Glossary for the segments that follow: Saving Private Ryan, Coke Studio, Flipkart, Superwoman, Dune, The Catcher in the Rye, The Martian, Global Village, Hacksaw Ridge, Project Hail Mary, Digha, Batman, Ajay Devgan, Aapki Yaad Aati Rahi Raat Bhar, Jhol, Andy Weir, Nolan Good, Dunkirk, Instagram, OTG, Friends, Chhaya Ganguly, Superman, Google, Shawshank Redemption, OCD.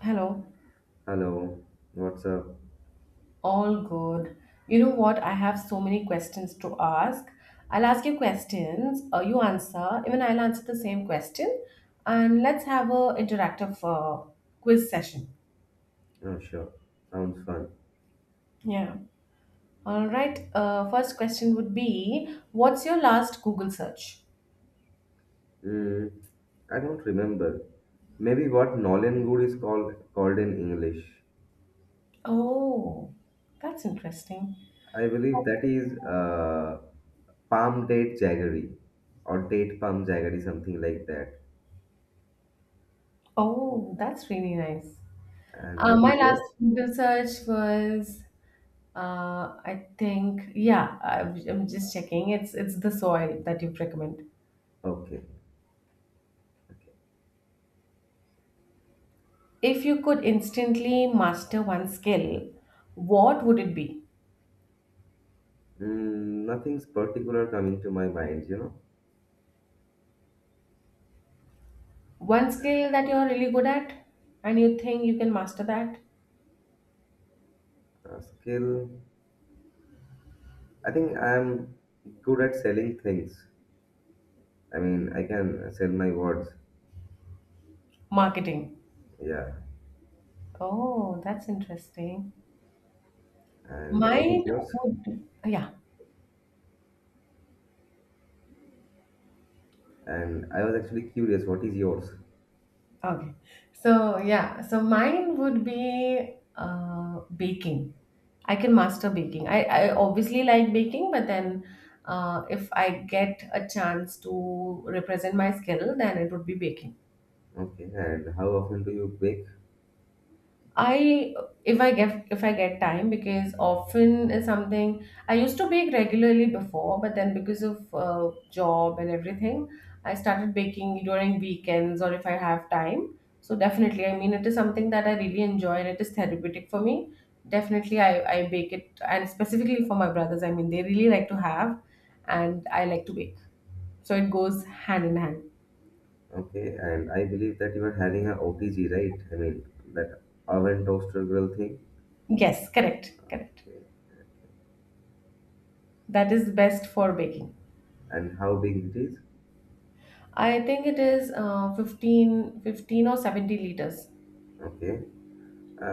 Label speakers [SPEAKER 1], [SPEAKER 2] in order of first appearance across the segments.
[SPEAKER 1] Hello,
[SPEAKER 2] Hello, what's up?
[SPEAKER 1] all good. You know what? I have so many questions to ask. I'll ask you questions, you answer, even I'll answer the same question, and let's have a interactive quiz session.
[SPEAKER 2] Oh, sure. Sounds fun.
[SPEAKER 1] Yeah. All right. First question would be, what's your last Google search?
[SPEAKER 2] Mm, I don't remember. Maybe what Nolan Good is called in English.
[SPEAKER 1] Oh, that's interesting.
[SPEAKER 2] I believe that is palm date jaggery or date palm jaggery, something like that.
[SPEAKER 1] Oh, that's really nice.
[SPEAKER 2] And what
[SPEAKER 1] My
[SPEAKER 2] is
[SPEAKER 1] last
[SPEAKER 2] yours?
[SPEAKER 1] Google search was I think yeah, I'm just checking. It's the soil that you recommend.
[SPEAKER 2] Okay. Okay.
[SPEAKER 1] If you could instantly master one skill, what would it be?
[SPEAKER 2] Nothing's particular coming to my mind,
[SPEAKER 1] One skill that you're really good at and you think you can master that?
[SPEAKER 2] Skill. I think I'm good at selling things. I mean, I can sell my words.
[SPEAKER 1] Marketing.
[SPEAKER 2] Yeah.
[SPEAKER 1] Oh, that's interesting.
[SPEAKER 2] And what is
[SPEAKER 1] Mine
[SPEAKER 2] yours?
[SPEAKER 1] would yeah.
[SPEAKER 2] And I was actually curious, what is yours?
[SPEAKER 1] Okay. So, yeah, so mine would be baking. I can master baking. I obviously like baking, but then if I get a chance to represent my skill, then it would be baking.
[SPEAKER 2] Okay, and how often do you bake?
[SPEAKER 1] I if I get time because often is something I used to bake regularly before, but then because of job and everything, I started baking during weekends or if I have time. So definitely, I mean, it is something that I really enjoy and it is therapeutic for me. Definitely, I bake it and specifically for my brothers. I mean, they really like to have, and I like to bake, so it goes hand in hand.
[SPEAKER 2] Okay, and I believe that you are having a OTG, right? I mean, that oven toaster grill thing.
[SPEAKER 1] Yes, correct, correct.
[SPEAKER 2] Okay, okay.
[SPEAKER 1] That is best for baking.
[SPEAKER 2] And how big it is?
[SPEAKER 1] I think it is 15, fifteen or 70 liters.
[SPEAKER 2] Okay,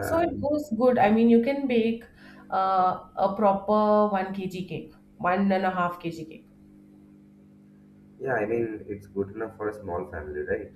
[SPEAKER 1] So it goes good. I mean, you can bake a proper 1 kg cake, 1.5 kg cake.
[SPEAKER 2] yeah, I mean, it's good enough for a small family, right?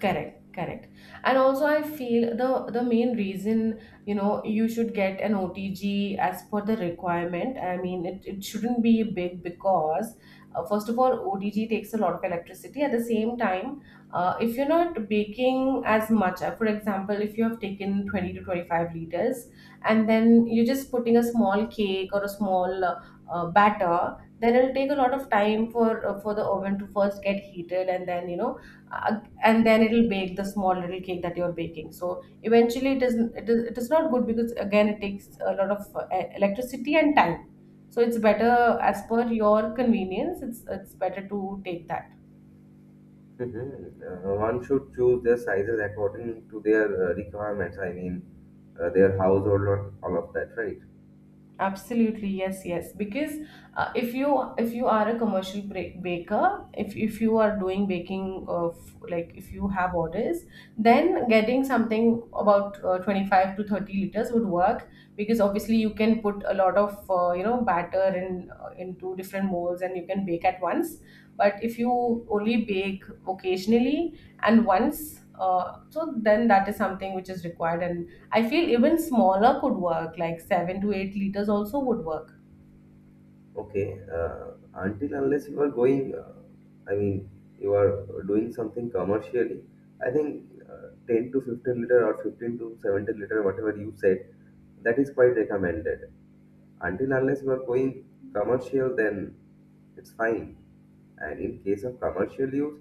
[SPEAKER 1] Correct, correct. And also I feel the main reason, you know, you should get an OTG as per the requirement. I mean, it shouldn't be big because first of all, OTG takes a lot of electricity. At the same time, if you're not baking as much, for example, if you have taken 20 to 25 liters and then you're just putting a small cake or a small batter, then it'll take a lot of time for the oven to first get heated and then, you know, uh, and then it'll bake the small little cake that you're baking. So eventually it is not good because again it takes a lot of electricity and time, so it's better as per your convenience. It's better to take that.
[SPEAKER 2] Mm-hmm. One should choose their sizes according to their requirements. I mean, their household or all of that, right?
[SPEAKER 1] Absolutely, yes, yes, because if you are a commercial baker, if you are doing baking of, like, if you have orders, then getting something about 25 to 30 liters would work, because obviously you can put a lot of you know, batter in into different molds and you can bake at once. But if you only bake occasionally and once so then that is something which is required, and I feel even smaller could work, like 7 to 8 liters also would work.
[SPEAKER 2] Okay, until unless you are going, I mean, you are doing something commercially, I think 10 to 15 liter or 15 to 17 liter, whatever you said, that is quite recommended. Until unless you are going commercial, then it's fine. And in case of commercial use,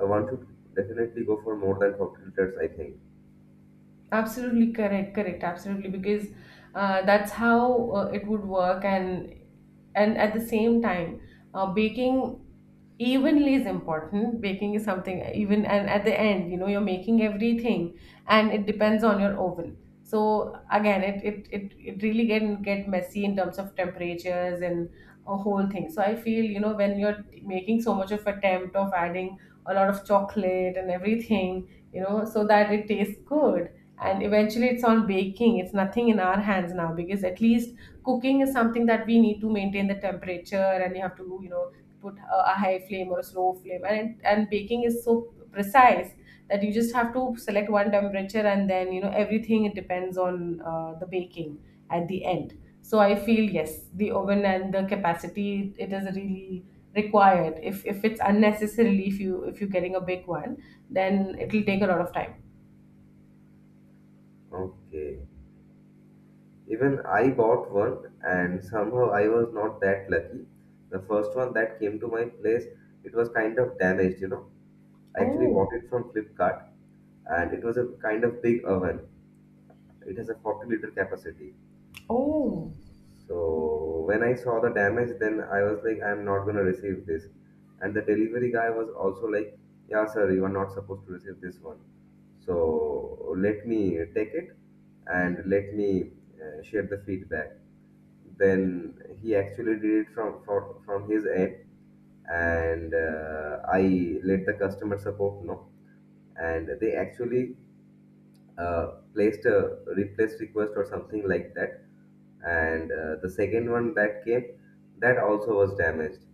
[SPEAKER 2] one should definitely go for more than 40 liters, I think.
[SPEAKER 1] Absolutely correct, correct, absolutely, because that's how it would work, and at the same time, baking evenly is important. Baking is something even, and at the end, you know, you're making everything, and it depends on your oven. So again, it really can get messy in terms of temperatures and a whole thing. So I feel, you know, when you're making so much of attempt of adding a lot of chocolate and everything, you know, so that it tastes good, and eventually it's all baking. It's nothing in our hands now because at least cooking is something that we need to maintain the temperature and you have to, you know, put a high flame or a slow flame, and baking is so precise that you just have to select one temperature, and then you know everything. It depends on the baking at the end. So I feel yes, the oven and the capacity, it is really required. If it's unnecessarily, if you if you're getting a big one, then it will take a lot of time.
[SPEAKER 2] Okay. Even I bought one, and somehow I was not that lucky. The first one that came to my place, it was kind of damaged, you know. I actually
[SPEAKER 1] Oh.
[SPEAKER 2] bought it from Flipkart, and it was a kind of big oven. It has a 40-liter capacity.
[SPEAKER 1] Oh,
[SPEAKER 2] So when I saw the damage, then I was like, I'm not gonna receive this. And the delivery guy was also like, yeah, sir, you are not supposed to receive this one. So let me take it and let me share the feedback. Then he actually did it from his end and I let the customer support know, and they actually uh, placed a replace request or something like that, and the second one that came, that also was damaged.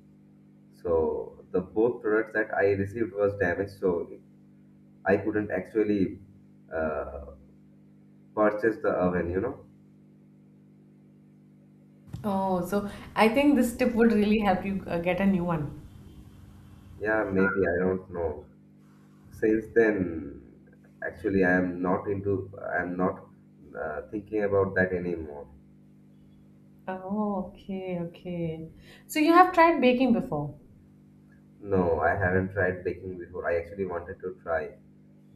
[SPEAKER 2] So the both products that I received was damaged, so I couldn't actually uh, purchase the oven, you know.
[SPEAKER 1] oh, so I think this tip would really help you get a new one.
[SPEAKER 2] Yeah, maybe I don't know. Since then, actually, I am not thinking about that anymore.
[SPEAKER 1] Oh, okay, okay. So you have tried baking before?
[SPEAKER 2] No, I haven't tried baking before. I actually wanted to try.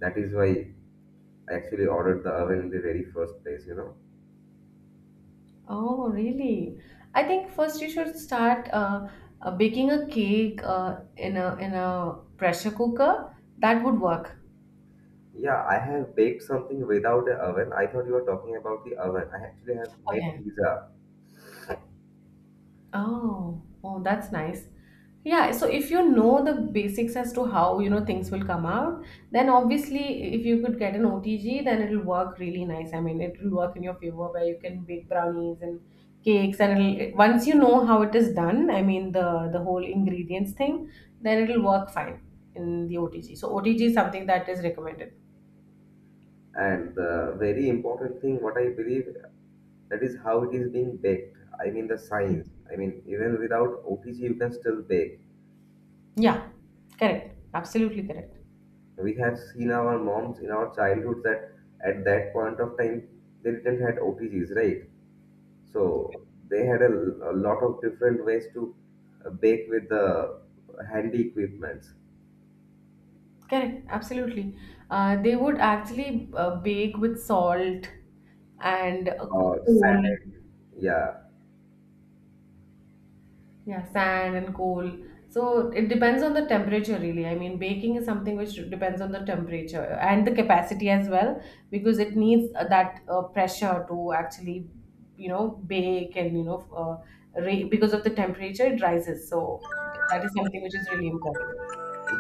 [SPEAKER 2] That is why I actually ordered the oven in the very first place, you know.
[SPEAKER 1] Oh, really? I think first you should start baking a cake in a pressure cooker. That would work.
[SPEAKER 2] Yeah, I have baked something without the oven. I thought you were talking about the oven. I actually have made
[SPEAKER 1] Okay.
[SPEAKER 2] pizza.
[SPEAKER 1] Oh, oh, that's nice. Yeah, so if you know the basics as to how, you know, things will come out, then obviously if you could get an OTG, then it'll work really nice. I mean, it will work in your favor where you can bake brownies and cakes, and once you know how it is done, I mean the whole ingredients thing, then it'll work fine in the OTG. So OTG is something that is recommended.
[SPEAKER 2] And the very important thing, what I believe, that is how it is being baked. I mean, the
[SPEAKER 1] Mm.
[SPEAKER 2] science. I mean, even without OTG, you can still bake.
[SPEAKER 1] Yeah, correct. Absolutely correct.
[SPEAKER 2] We have seen our moms in our childhood that at that point of time they didn't had OTGs, right? So they had a lot of different ways to bake with the handy equipments
[SPEAKER 1] Correct, absolutely. They would actually bake with salt and
[SPEAKER 2] or
[SPEAKER 1] coal,
[SPEAKER 2] sand. Yeah,
[SPEAKER 1] yeah, sand and coal. So it depends on the temperature, really. I mean, baking is something which depends on the temperature and the capacity as well, because it needs that pressure to actually, you know, bake and, you know, because of the temperature, it rises. So that is something which is really important.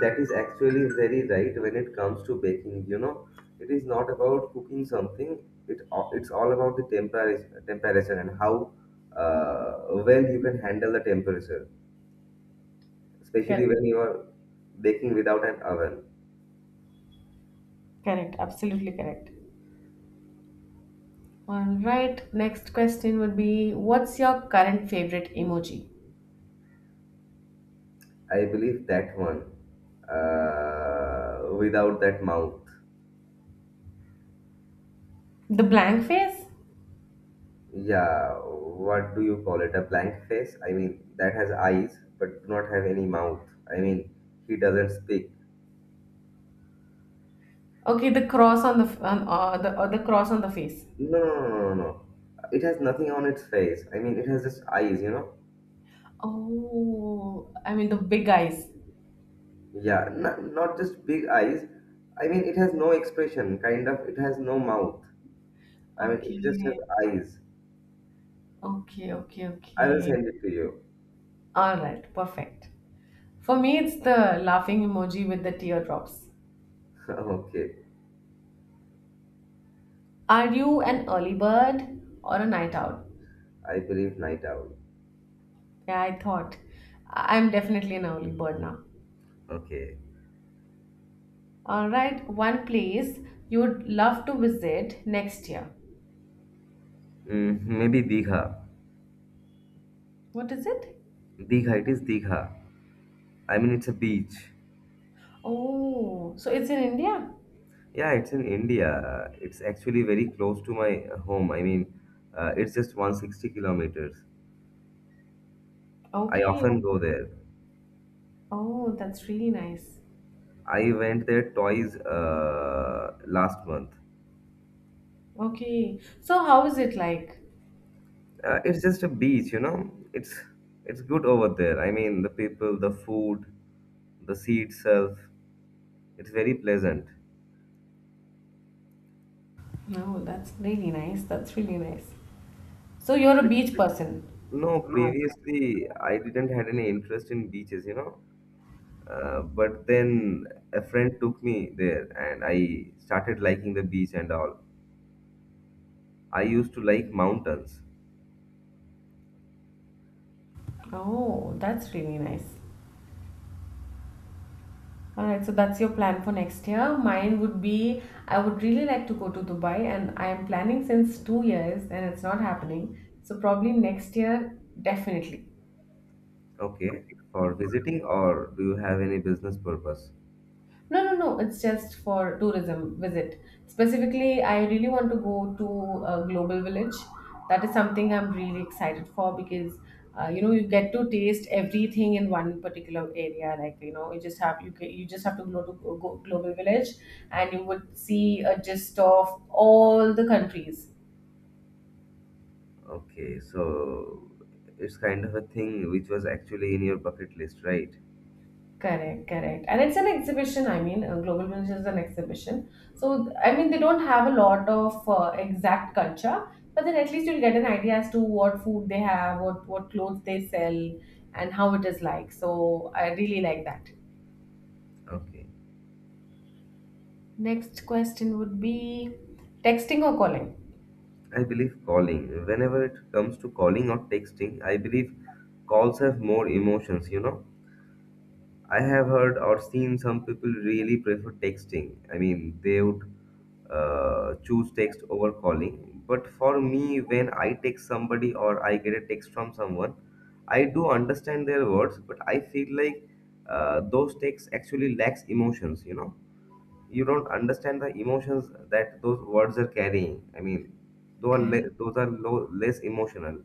[SPEAKER 2] that is actually very right when it comes to baking. You know, it is not about cooking something. It's all about the temperature, temperature, and how well you can handle the temperature, especially
[SPEAKER 1] Correct,
[SPEAKER 2] when you are baking without an oven.
[SPEAKER 1] correct, absolutely correct. All right, next question would be, what's your current favorite emoji?
[SPEAKER 2] I believe that one. Without that mouth.
[SPEAKER 1] The blank face?
[SPEAKER 2] Yeah, what do you call it? A blank face? I mean, that has eyes but do not have any mouth. I mean, he doesn't speak.
[SPEAKER 1] Okay, the cross on the on, the the cross on the face.
[SPEAKER 2] No, no, no, no, no. It has nothing on its face. I mean, it has just eyes, you know?
[SPEAKER 1] Oh, I mean the big eyes.
[SPEAKER 2] Yeah, not just big eyes. I mean, it has no expression, kind of. It has no mouth. I mean, it just has
[SPEAKER 1] Okay.
[SPEAKER 2] eyes.
[SPEAKER 1] Okay, okay,
[SPEAKER 2] I will
[SPEAKER 1] okay.
[SPEAKER 2] send it to you.
[SPEAKER 1] All right, perfect. For me, it's the laughing emoji with the teardrops.
[SPEAKER 2] Okay.
[SPEAKER 1] Are you an early bird or a night owl?
[SPEAKER 2] I believe night owl.
[SPEAKER 1] Yeah, I thought. I'm definitely an early bird now.
[SPEAKER 2] Okay.
[SPEAKER 1] All right, one place you'd love to visit next year.
[SPEAKER 2] Maybe Digha.
[SPEAKER 1] What is it?
[SPEAKER 2] Digha, it is Digha. I mean, it's a beach.
[SPEAKER 1] Oh, so it's in India?
[SPEAKER 2] Yeah, it's in India. It's actually very close to my home. I mean, it's just 160 kilometers. I
[SPEAKER 1] Okay.
[SPEAKER 2] often go there.
[SPEAKER 1] Oh, that's really nice.
[SPEAKER 2] I went there twice last month.
[SPEAKER 1] Okay. So how is it like?
[SPEAKER 2] It's just a beach, you know. It's good over there. I mean, the people, the food, the sea itself. It's very pleasant.
[SPEAKER 1] No, that's really nice. That's really nice. So you're a beach person.
[SPEAKER 2] No, previously I didn't had any interest in beaches, you know. But then a friend took me there, and I started liking the beach and all. I used to like mountains.
[SPEAKER 1] Oh, that's really nice. All right, so that's your plan for next year. Mine would be, I would really like to go to Dubai, and I am planning since 2 years and it's not happening. So, probably next year, definitely.
[SPEAKER 2] Okay, for visiting, or do you have any business purpose?
[SPEAKER 1] No, no, no. It's just for tourism visit. Specifically, I really want to go to a global village. That is something I'm really excited for because you know, you get to taste everything in one particular area. Like, you know, you just have you you just have to go, go global village, and you would see a gist of all the countries.
[SPEAKER 2] Okay, so it's kind of a thing which was actually in your bucket list, right?
[SPEAKER 1] Correct, correct. And it's an exhibition, I mean, Global Village is an exhibition. So, I mean, they don't have a lot of exact culture, but then at least you'll get an idea as to what food they have, what clothes they sell, and how it is like. So, I really like that.
[SPEAKER 2] Okay.
[SPEAKER 1] Next question would be, texting or calling?
[SPEAKER 2] I believe calling. Whenever it comes to calling or texting, I believe calls have more emotions, you know? I have heard or seen some people really prefer texting. I mean, they would choose text over calling. But for me, when I text somebody or I get a text from someone, I do understand their words, but I feel like those texts actually lacks emotions. You know, you don't understand the emotions that those words are carrying. I mean, those are
[SPEAKER 1] Correct.
[SPEAKER 2] those are low, less emotional.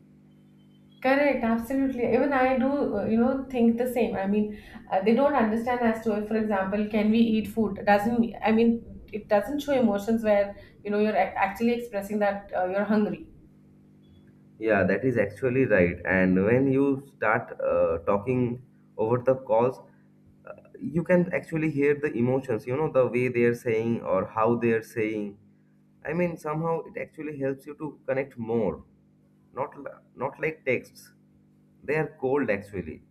[SPEAKER 1] Correct, absolutely. Even I do, you know, think the same. I mean, they don't understand as to, if, for example, can we eat food? It doesn't, I mean, it doesn't show emotions where, you know, you're actually expressing that you're hungry.
[SPEAKER 2] Yeah, that is actually right. And when you start talking over the calls, uh, you can actually hear the emotions, you know, the way they are saying or how they are saying. I mean, somehow it actually helps you to connect more. Not not like texts. They are cold actually.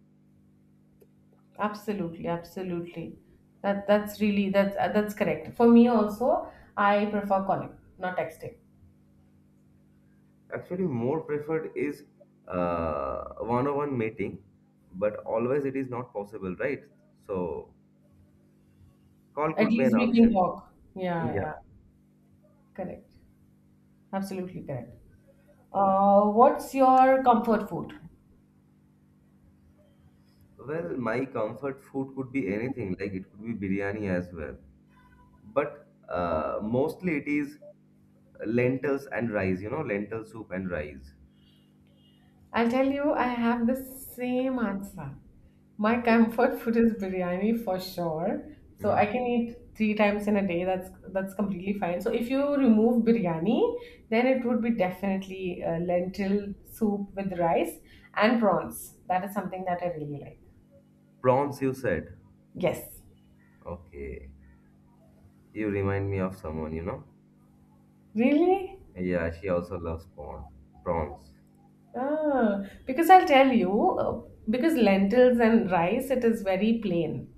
[SPEAKER 1] Absolutely, absolutely. That's really that's correct. For me also, I prefer calling, not texting.
[SPEAKER 2] Actually, more preferred is one-on-one meeting, but always it is not possible, right? So call
[SPEAKER 1] At
[SPEAKER 2] could be
[SPEAKER 1] least
[SPEAKER 2] an
[SPEAKER 1] we can
[SPEAKER 2] option.
[SPEAKER 1] talk. Yeah, yeah,
[SPEAKER 2] Yeah.
[SPEAKER 1] correct. Absolutely correct. What's your comfort food?
[SPEAKER 2] Well, my comfort food could be anything, like it could be biryani as well. But mostly it is lentils and rice, you know, lentil soup and rice.
[SPEAKER 1] I'll tell you, I have the same answer. My
[SPEAKER 2] Okay.
[SPEAKER 1] comfort food is biryani for sure. So I
[SPEAKER 2] Mhm.
[SPEAKER 1] can eat 3 times in a day. That's completely fine. So if you remove biryani, then it would be definitely lentil soup with rice and prawns. That is something that I really like.
[SPEAKER 2] Prawns, you said.
[SPEAKER 1] Yes.
[SPEAKER 2] Okay. You remind me of someone, you know?
[SPEAKER 1] Really?
[SPEAKER 2] Yeah, she also loves prawns.
[SPEAKER 1] Ah, because I'll tell you, because lentils and rice, it is very plain.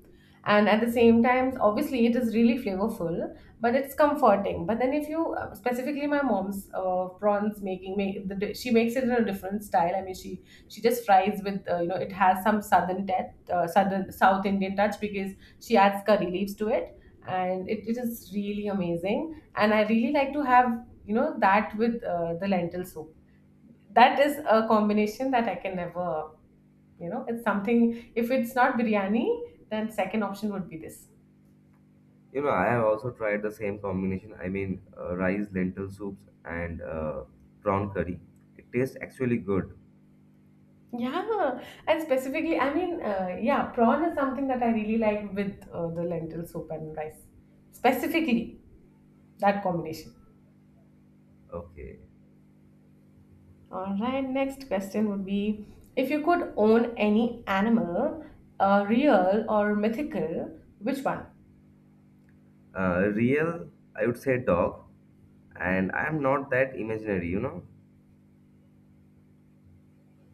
[SPEAKER 1] And at the same time, obviously, it is really flavorful, but it's comforting. But then, if you specifically my mom's prawns making, make, the, di- she makes it in a different style. I mean, she just fries with you know, it has some southern touch, South Indian touch, because she adds curry leaves to it, and it is really amazing. And I really like to have, you know, that with the lentil soup. That is a combination that I can never, you know, it's something, if it's not biryani, then second option would be this.
[SPEAKER 2] You know, I have also tried the same combination. I mean, rice, lentil soups, and prawn curry. It tastes actually good.
[SPEAKER 1] Yeah, and specifically, I mean, yeah, prawn is something that I really like with the lentil soup and rice. Specifically, that combination.
[SPEAKER 2] Okay.
[SPEAKER 1] All right, next question would be, if you could own any animal, real or mythical, which one?
[SPEAKER 2] Real, I would say dog, and I'm not that imaginary, you know.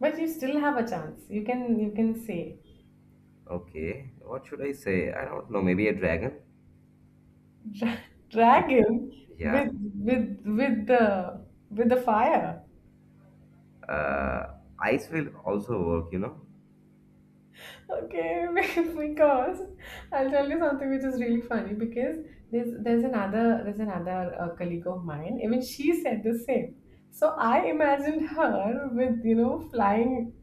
[SPEAKER 1] But you still have a chance. You can say.
[SPEAKER 2] Okay, what should I say? I don't know, maybe a dragon.
[SPEAKER 1] Dra-
[SPEAKER 2] Yeah,
[SPEAKER 1] Dragon with
[SPEAKER 2] yeah.
[SPEAKER 1] the fire.
[SPEAKER 2] Ice will also work, you know.
[SPEAKER 1] Okay. Because I'll tell you something which is really funny. Because there's another colleague of mine. Even she said the same. So I imagined her with flying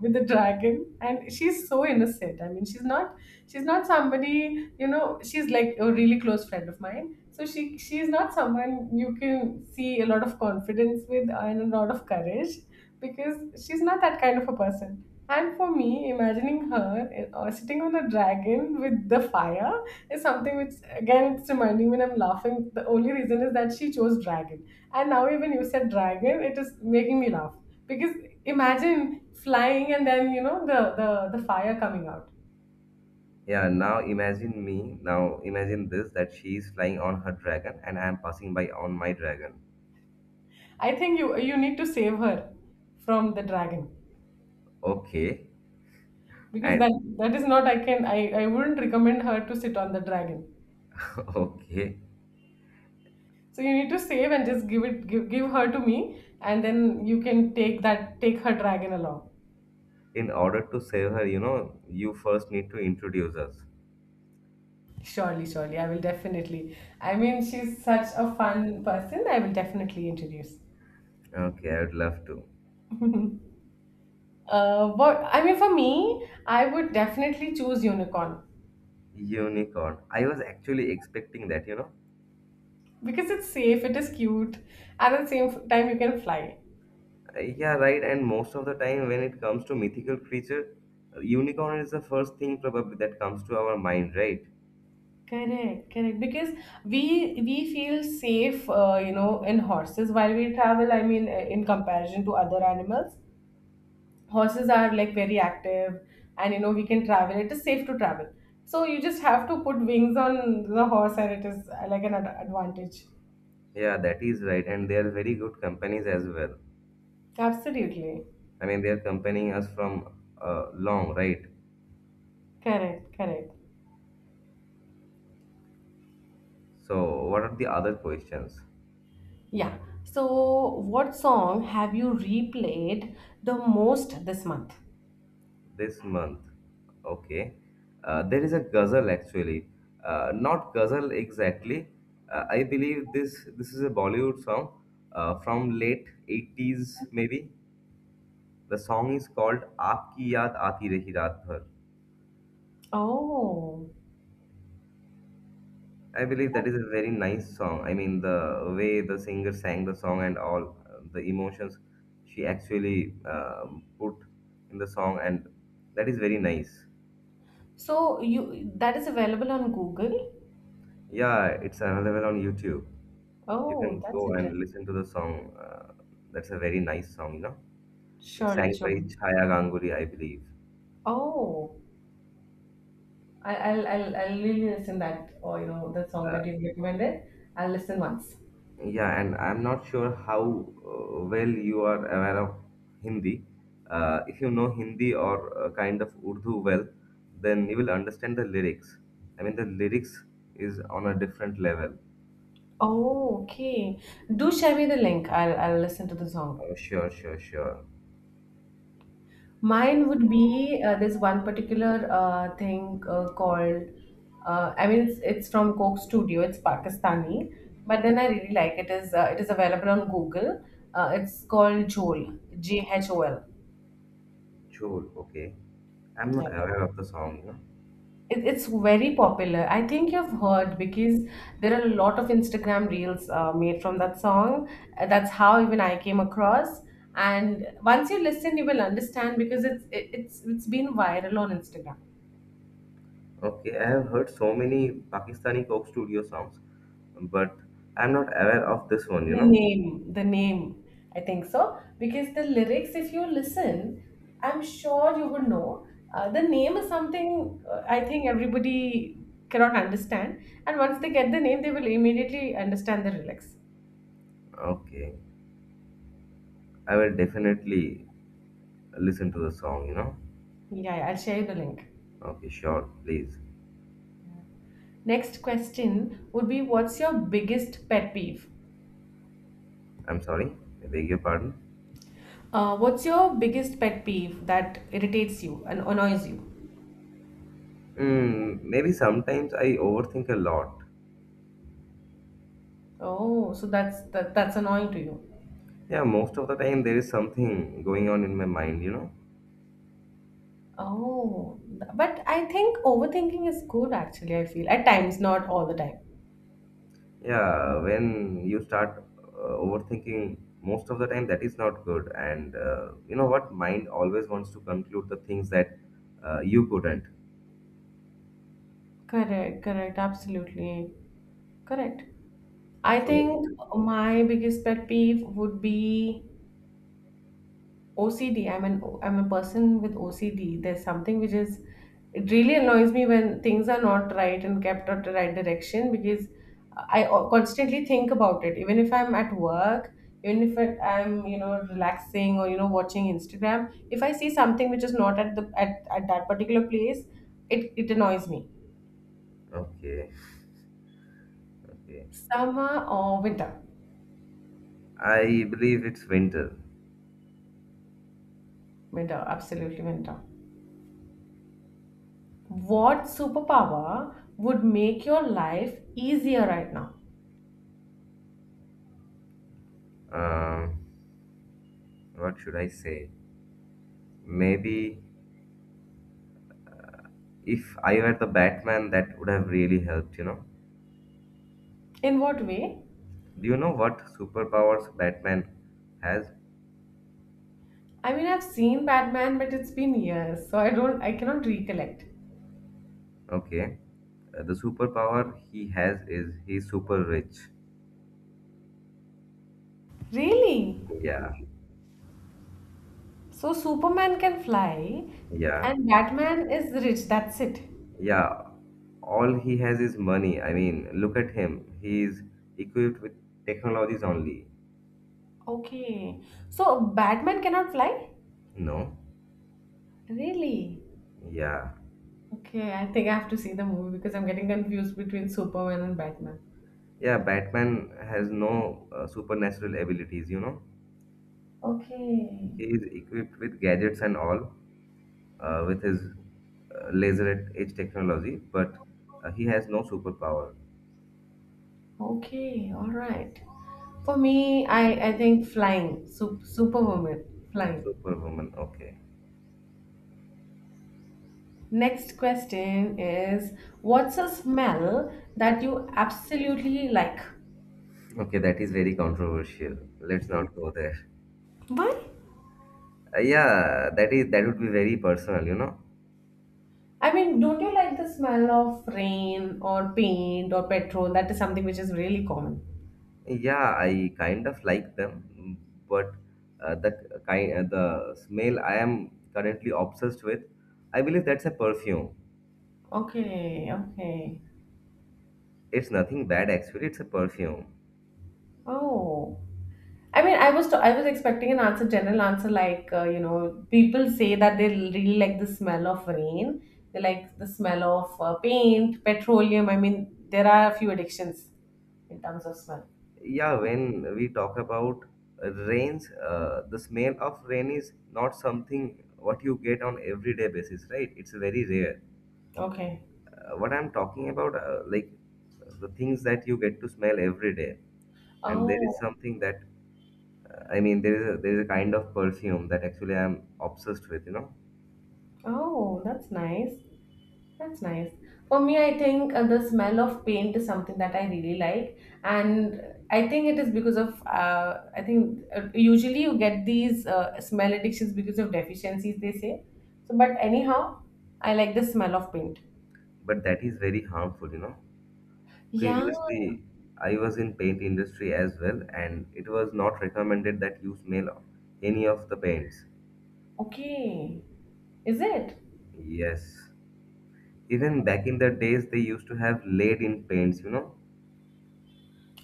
[SPEAKER 1] with the dragon, and she's so innocent. I mean, she's not somebody, she's like a really close friend of mine. So she's not someone you can see a lot of confidence with and a lot of courage, because she's not that kind of a person. And for me, imagining her sitting on a dragon with the fire is something which, again, it's reminding me when I'm laughing. The only reason is that she chose dragon, and now even you said dragon, it is making me laugh. Because imagine flying and then, the fire coming out.
[SPEAKER 2] Yeah, now imagine this, that she is flying on her dragon and I am passing by on my dragon.
[SPEAKER 1] I think you need to save her from the dragon,
[SPEAKER 2] Okay,
[SPEAKER 1] because
[SPEAKER 2] and
[SPEAKER 1] that that is not I can I wouldn't recommend her to sit on the dragon.
[SPEAKER 2] okay,
[SPEAKER 1] So you need to save and just give her to me, and then you can take her dragon along.
[SPEAKER 2] in order to save her, you know, you first need to introduce us.
[SPEAKER 1] Surely, surely. I will, definitely. I mean, she's such a fun person. I will definitely introduce.
[SPEAKER 2] Okay, I would love to.
[SPEAKER 1] But I mean, for me, I would definitely choose unicorn,
[SPEAKER 2] Unicorn, I was actually expecting that, you know.
[SPEAKER 1] because it's safe, it is cute, and at the same time, you can fly.
[SPEAKER 2] Yeah, right. And most of the time, when it comes to mythical creature, unicorn is the first thing probably that comes to our mind, right?
[SPEAKER 1] Correct, correct. Because we feel safe, in horses while we travel. I mean, in comparison to other animals, horses are like very active, and we can travel. It is safe to travel. So you just have to put wings on the horse, and it is like an advantage.
[SPEAKER 2] Yeah, that is right. And they are very good companies as well.
[SPEAKER 1] Absolutely.
[SPEAKER 2] I mean, they are accompanying us from long, right?
[SPEAKER 1] Correct, correct.
[SPEAKER 2] So, what are the other questions
[SPEAKER 1] Yeah. So what song have you replayed the most this month?
[SPEAKER 2] this month? Okay, there is a ghazal actually, not ghazal exactly. Uh, I believe this is a Bollywood song from late 80s maybe. The song is called Aapki Yaad Aati Rahi Raat Bhar.
[SPEAKER 1] Oh,
[SPEAKER 2] I believe that is a very nice song. I mean, the way the singer sang the song and all, the emotions she actually put in the song, and that is very nice.
[SPEAKER 1] so you that is available on Google?
[SPEAKER 2] Yeah, it's available on YouTube. You
[SPEAKER 1] Oh,
[SPEAKER 2] can
[SPEAKER 1] that's
[SPEAKER 2] go
[SPEAKER 1] interesting.
[SPEAKER 2] and listen to the song. That's a very nice song, you know. It's
[SPEAKER 1] Surely,
[SPEAKER 2] sang by
[SPEAKER 1] surely.
[SPEAKER 2] Chhaya Ganguly, I believe.
[SPEAKER 1] Oh, I'll really listen that, or the song that you've recommended. I'll listen once.
[SPEAKER 2] Yeah, and I'm not sure how well you are aware of Hindi. If you know Hindi or kind of Urdu well, then you will understand the lyrics. I mean, the lyrics is on a different level.
[SPEAKER 1] Oh, okay. Do share me the link. I'll listen to the song.
[SPEAKER 2] Oh, sure, sure, sure.
[SPEAKER 1] Mine would be this one particular thing called. I mean, it's from Coke Studio. It's Pakistani, but then I really like it. Is It is available on Google. It's called Jhol. J H O L.
[SPEAKER 2] Chol, okay. I'm
[SPEAKER 1] Yeah.
[SPEAKER 2] not aware of the song. You know?
[SPEAKER 1] It's very popular. I think you've heard, because there are a lot of Instagram reels made from that song. That's how even I came across. And once you listen, you will understand, because it's it, it's been viral on Instagram.
[SPEAKER 2] Okay, I have heard so many Pakistani Coke Studio songs, but I'm not aware of this one, you know.
[SPEAKER 1] The name, I think so. Because the lyrics, if you listen, I'm sure you would know. The name is something I think everybody cannot understand. And once they get the name, they will immediately understand the lyrics.
[SPEAKER 2] Okay, I will definitely listen to the song, you know.
[SPEAKER 1] Yeah, yeah, I'll share you the link.
[SPEAKER 2] Okay, sure, please.
[SPEAKER 1] Next question would be, what's your biggest pet peeve?
[SPEAKER 2] I'm sorry, I beg your pardon.
[SPEAKER 1] What's your biggest pet peeve that irritates you and annoys you?
[SPEAKER 2] Maybe sometimes I overthink a lot.
[SPEAKER 1] Oh, so that's that's annoying to you.
[SPEAKER 2] Yeah, most of the time there is something going on in my mind, you know.
[SPEAKER 1] But I think overthinking is good, actually, I feel. At times, not all the time.
[SPEAKER 2] Yeah, when you start overthinking, most of the time that is not good. And you know what? Mind always wants to conclude the things that you couldn't.
[SPEAKER 1] Correct, correct, absolutely. Correct. I
[SPEAKER 2] So,
[SPEAKER 1] think my biggest pet peeve would be OCD. I'm a person with OCD. There's something which is, it really annoys me when things are not right and kept out the right direction, because constantly think about it. Even if I'm at work, even if it, I'm relaxing or watching Instagram, if I see something which is not at that particular place, it annoys me.
[SPEAKER 2] okay, okay.
[SPEAKER 1] Summer or winter?
[SPEAKER 2] I believe it's winter.
[SPEAKER 1] Winter, absolutely winter. What superpower would make your life easier right now?
[SPEAKER 2] Um, what should I say? Maybe. If I were the Batman, that would have really helped, you know.
[SPEAKER 1] In what way?
[SPEAKER 2] Do you know what superpowers Batman has?
[SPEAKER 1] I mean, I've seen Batman, but it's been years, so I don't, I cannot recollect.
[SPEAKER 2] Okay. The superpower he has is he's super rich.
[SPEAKER 1] Really?
[SPEAKER 2] Yeah.
[SPEAKER 1] So Superman can fly,
[SPEAKER 2] Yeah.
[SPEAKER 1] and Batman is rich. That's it.
[SPEAKER 2] Yeah. All he has is money. I mean, look at him. He's equipped with technologies only.
[SPEAKER 1] Okay. So Batman cannot fly?
[SPEAKER 2] No.
[SPEAKER 1] Really?
[SPEAKER 2] Yeah.
[SPEAKER 1] Okay, I think I have to see the movie, because I'm getting confused between Superman and Batman.
[SPEAKER 2] Yeah, Batman has no supernatural abilities, you know.
[SPEAKER 1] Okay.
[SPEAKER 2] He is equipped with gadgets and all, with his laser at edge technology, but he has no superpower.
[SPEAKER 1] Okay. All right. For me, I think flying, Superwoman, flying.
[SPEAKER 2] Superwoman, okay.
[SPEAKER 1] Next question is, what's a smell that you absolutely like?
[SPEAKER 2] Okay, that is very controversial. Let's not go there.
[SPEAKER 1] Why?
[SPEAKER 2] Yeah, that is that would be very personal, you know.
[SPEAKER 1] I mean, don't you like the smell of rain or paint or petrol? That is something which is really common.
[SPEAKER 2] Yeah, I kind of like them, but the smell I am currently obsessed with, I believe that's a perfume.
[SPEAKER 1] Okay, okay.
[SPEAKER 2] It's nothing bad actually, it's a perfume.
[SPEAKER 1] Oh. I mean, I was expecting an answer, general answer, like people say that they really like the smell of rain. They like the smell of paint, petroleum. I mean, there are a few addictions in terms of smell.
[SPEAKER 2] Yeah, when we talk about rains, the smell of rain is not something what you get on everyday basis, right? It's very rare.
[SPEAKER 1] Okay.
[SPEAKER 2] What I'm talking about, like the things that you get to smell every day, and there is
[SPEAKER 1] Oh.
[SPEAKER 2] something that, there is a kind of perfume that actually I'm obsessed with, you know.
[SPEAKER 1] Oh, that's nice. That's nice. For me, I think the smell of paint is something that I really like, and I think it is because of I think usually you get these smell addictions because of deficiencies, they say. So, but anyhow, I like the smell of paint.
[SPEAKER 2] But that is very harmful, you know.
[SPEAKER 1] Yeah.
[SPEAKER 2] Previously, I was in paint industry as well, and it was not recommended that you smell any of the paints.
[SPEAKER 1] Okay. Is it?
[SPEAKER 2] Yes. Even back in the days, they used to have lead in paints, you know.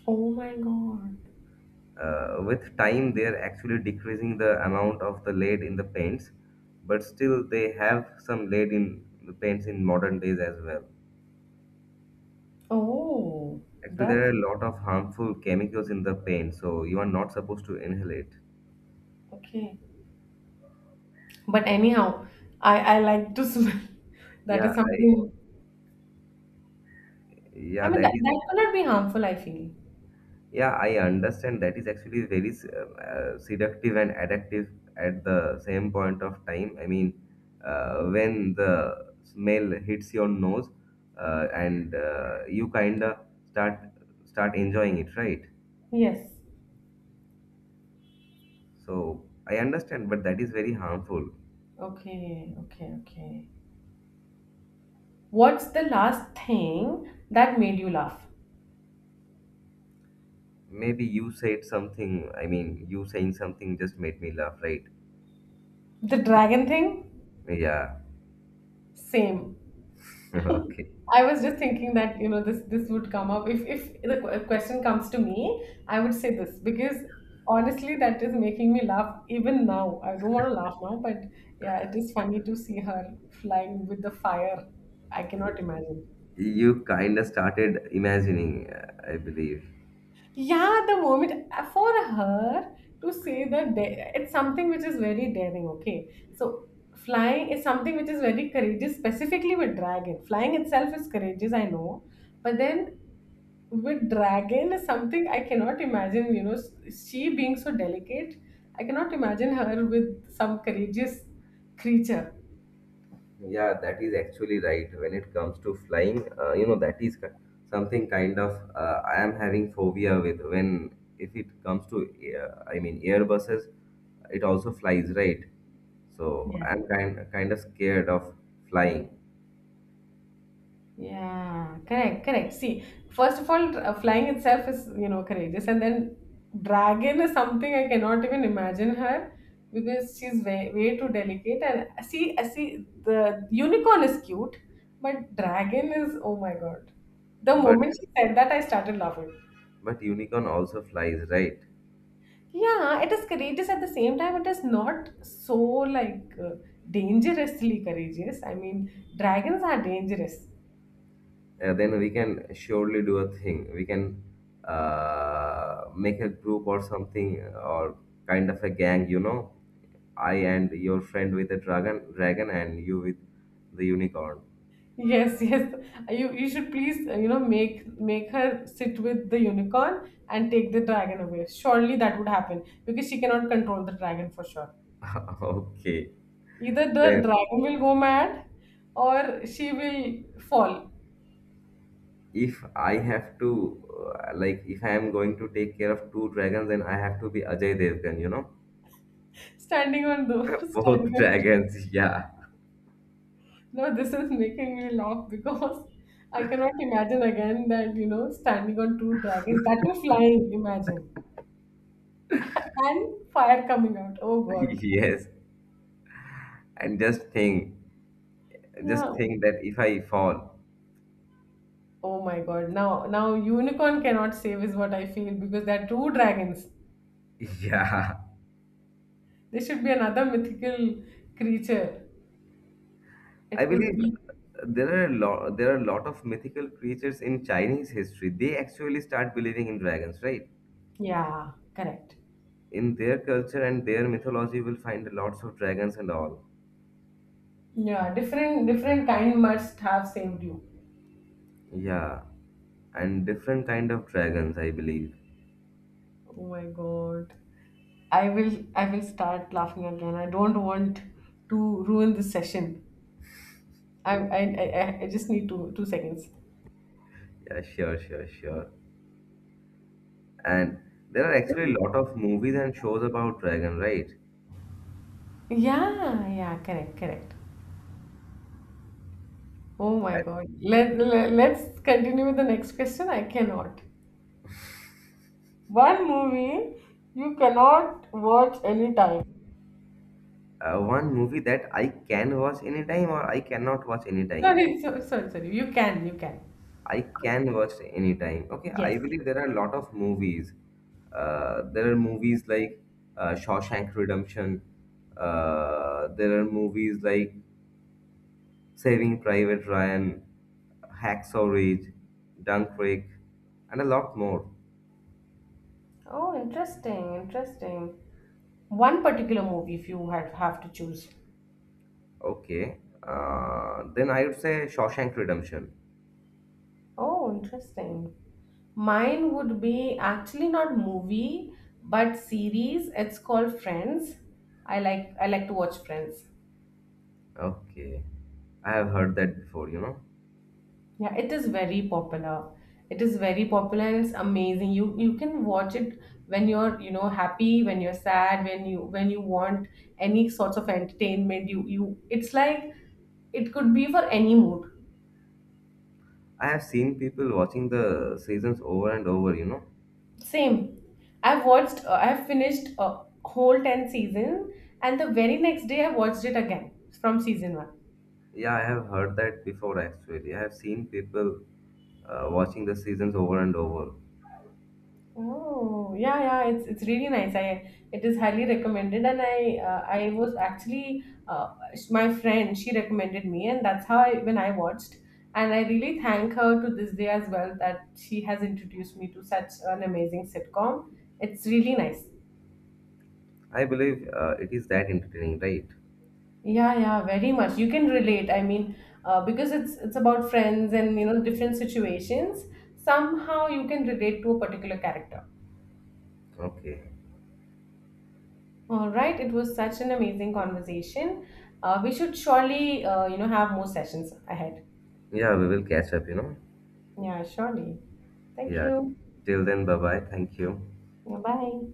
[SPEAKER 1] Oh my God.
[SPEAKER 2] With time, they are actually decreasing the amount of the lead in the paints, but still, they have some lead in the paints in modern days as well.
[SPEAKER 1] Oh,
[SPEAKER 2] Actually, there
[SPEAKER 1] that's
[SPEAKER 2] are a lot of harmful chemicals in the paint, so you are not supposed to inhale it.
[SPEAKER 1] okay. But anyhow, I like to smell. That
[SPEAKER 2] Yeah,
[SPEAKER 1] is
[SPEAKER 2] I,
[SPEAKER 1] something, I
[SPEAKER 2] yeah,
[SPEAKER 1] mean,
[SPEAKER 2] that is.
[SPEAKER 1] that cannot be harmful, I feel.
[SPEAKER 2] Yeah, I understand that is actually very seductive and addictive at the same point of time. I mean, when the smell hits your nose, and you kind of start start enjoying it, right?
[SPEAKER 1] Yes.
[SPEAKER 2] So I understand, but that is very harmful.
[SPEAKER 1] Okay, okay, okay. What's the last thing that made you laugh?
[SPEAKER 2] Maybe you said something. I mean, you saying something just made me laugh, right?
[SPEAKER 1] The dragon thing?
[SPEAKER 2] Yeah.
[SPEAKER 1] Same.
[SPEAKER 2] Okay.
[SPEAKER 1] I was just thinking that, you know, this would come up. If question comes to me, I would say this, because honestly, that is making me laugh even now. I don't want to laugh now, but yeah, it is funny to see her flying with the fire. I cannot imagine.
[SPEAKER 2] You kind of started imagining, I believe.
[SPEAKER 1] Yeah, the moment for her to say that, it's something which is very daring, okay? So, flying is something which is very courageous, specifically with dragon. Flying itself is courageous, I know, but then with dragon is something I cannot imagine, you know, she being so delicate, I cannot imagine her with some courageous creature.
[SPEAKER 2] Yeah, that is actually right. When it comes to flying, you know, that is something kind of I am having phobia with when if it comes to I mean airbuses, it also flies, right? So I'm kind of scared of flying,
[SPEAKER 1] Yeah, correct, correct. See, first of all, flying itself is, you know, courageous. And then dragon is something I cannot even imagine her, because she's way, way too delicate. And see, I see, the unicorn is cute, but dragon is, oh my God. The
[SPEAKER 2] but
[SPEAKER 1] moment she said that, I started laughing.
[SPEAKER 2] but unicorn also flies, right?
[SPEAKER 1] Yeah, it is courageous at the same time. It is not so like dangerously courageous. I mean, dragons are dangerous.
[SPEAKER 2] Then we can surely do a thing. We can make a group or something or kind of a gang, you know. I and your friend with a dragon, and you with the unicorn.
[SPEAKER 1] Yes, yes. You should please, make her sit with the unicorn and take the dragon away. Surely that would happen, because she cannot control the dragon for sure.
[SPEAKER 2] Okay.
[SPEAKER 1] Either the
[SPEAKER 2] Then,
[SPEAKER 1] dragon will go mad or she will fall.
[SPEAKER 2] if I have to, like, if I am going to take care of two dragons, then I have to be Ajay Devgan, you know.
[SPEAKER 1] Standing on the standing
[SPEAKER 2] Both
[SPEAKER 1] on,
[SPEAKER 2] dragons, yeah.
[SPEAKER 1] no, this is making me laugh, because I cannot imagine again that, standing on two dragons that were flying. Imagine, and fire coming out. Oh God.
[SPEAKER 2] Yes. And just
[SPEAKER 1] Yeah.
[SPEAKER 2] think that if I fall,
[SPEAKER 1] Oh my god. Now unicorn cannot save, is what I feel, because there are two dragons.
[SPEAKER 2] yeah.
[SPEAKER 1] There should be another mythical creature.
[SPEAKER 2] I
[SPEAKER 1] It could
[SPEAKER 2] believe
[SPEAKER 1] be,
[SPEAKER 2] there are a lot there are a lot of mythical creatures in Chinese history. They actually start believing in dragons, right?
[SPEAKER 1] yeah, correct.
[SPEAKER 2] In their culture and their mythology, you will find lots of dragons and all.
[SPEAKER 1] Yeah, different kind must have saved you.
[SPEAKER 2] Yeah, and different kind of dragons, I believe.
[SPEAKER 1] Oh my god. I will start laughing again. I don't want to ruin this session. I just need two seconds.
[SPEAKER 2] Yeah, sure, sure, sure. And there are actually a lot of movies and shows about dragon, right?
[SPEAKER 1] Yeah, yeah, correct, correct. Oh my
[SPEAKER 2] I,
[SPEAKER 1] god. Let's continue with the next question. I cannot. One movie you cannot watch anytime.
[SPEAKER 2] one movie that I can watch anytime or I cannot watch anytime.
[SPEAKER 1] Sorry. You can, you can.
[SPEAKER 2] I can watch anytime. Okay,
[SPEAKER 1] Yes.
[SPEAKER 2] I
[SPEAKER 1] Yes.
[SPEAKER 2] believe there are a lot of movies. There are movies like Shawshank Redemption. There are movies like Saving Private Ryan, Hacksaw Ridge, Dunkirk, and a lot more.
[SPEAKER 1] Oh, interesting, interesting. One particular movie, if you had have to choose.
[SPEAKER 2] Okay, then I would say Shawshank Redemption.
[SPEAKER 1] Oh, interesting. Mine would be actually not movie, but series. It's called Friends. I like to watch Friends.
[SPEAKER 2] Okay, I have heard that before. You know,
[SPEAKER 1] Yeah, it is very popular. It is very popular and it's amazing. You can watch it when you're, you know, happy, when you're sad, when you want any sorts of entertainment. You it's like, it could be for any mood.
[SPEAKER 2] I have seen people watching the seasons over and over. You know,
[SPEAKER 1] Same. I've watched I've finished a whole 10 seasons season, and the very next day I watched it again from season 1.
[SPEAKER 2] yeah, I have heard that before actually. I have seen people watching the seasons over and over.
[SPEAKER 1] Oh, yeah, yeah, it's really nice. I it is highly recommended, and I was actually uh, my friend she recommended me, and that's how I when I watched, and I really thank her to this day as well, that she has introduced me to such an amazing sitcom. It's really nice.
[SPEAKER 2] I believe it is that entertaining, right?
[SPEAKER 1] Yeah, yeah, very much. You can relate. I mean, because it's about friends and, you know, different situations. Somehow you can relate to a particular character.
[SPEAKER 2] Okay.
[SPEAKER 1] All right, it was such an amazing conversation. We should surely, have more sessions ahead.
[SPEAKER 2] Yeah, we will catch up, you know.
[SPEAKER 1] Yeah, surely. Thank
[SPEAKER 2] Yeah.
[SPEAKER 1] you.
[SPEAKER 2] Till then, bye bye. Thank you.
[SPEAKER 1] Yeah, bye.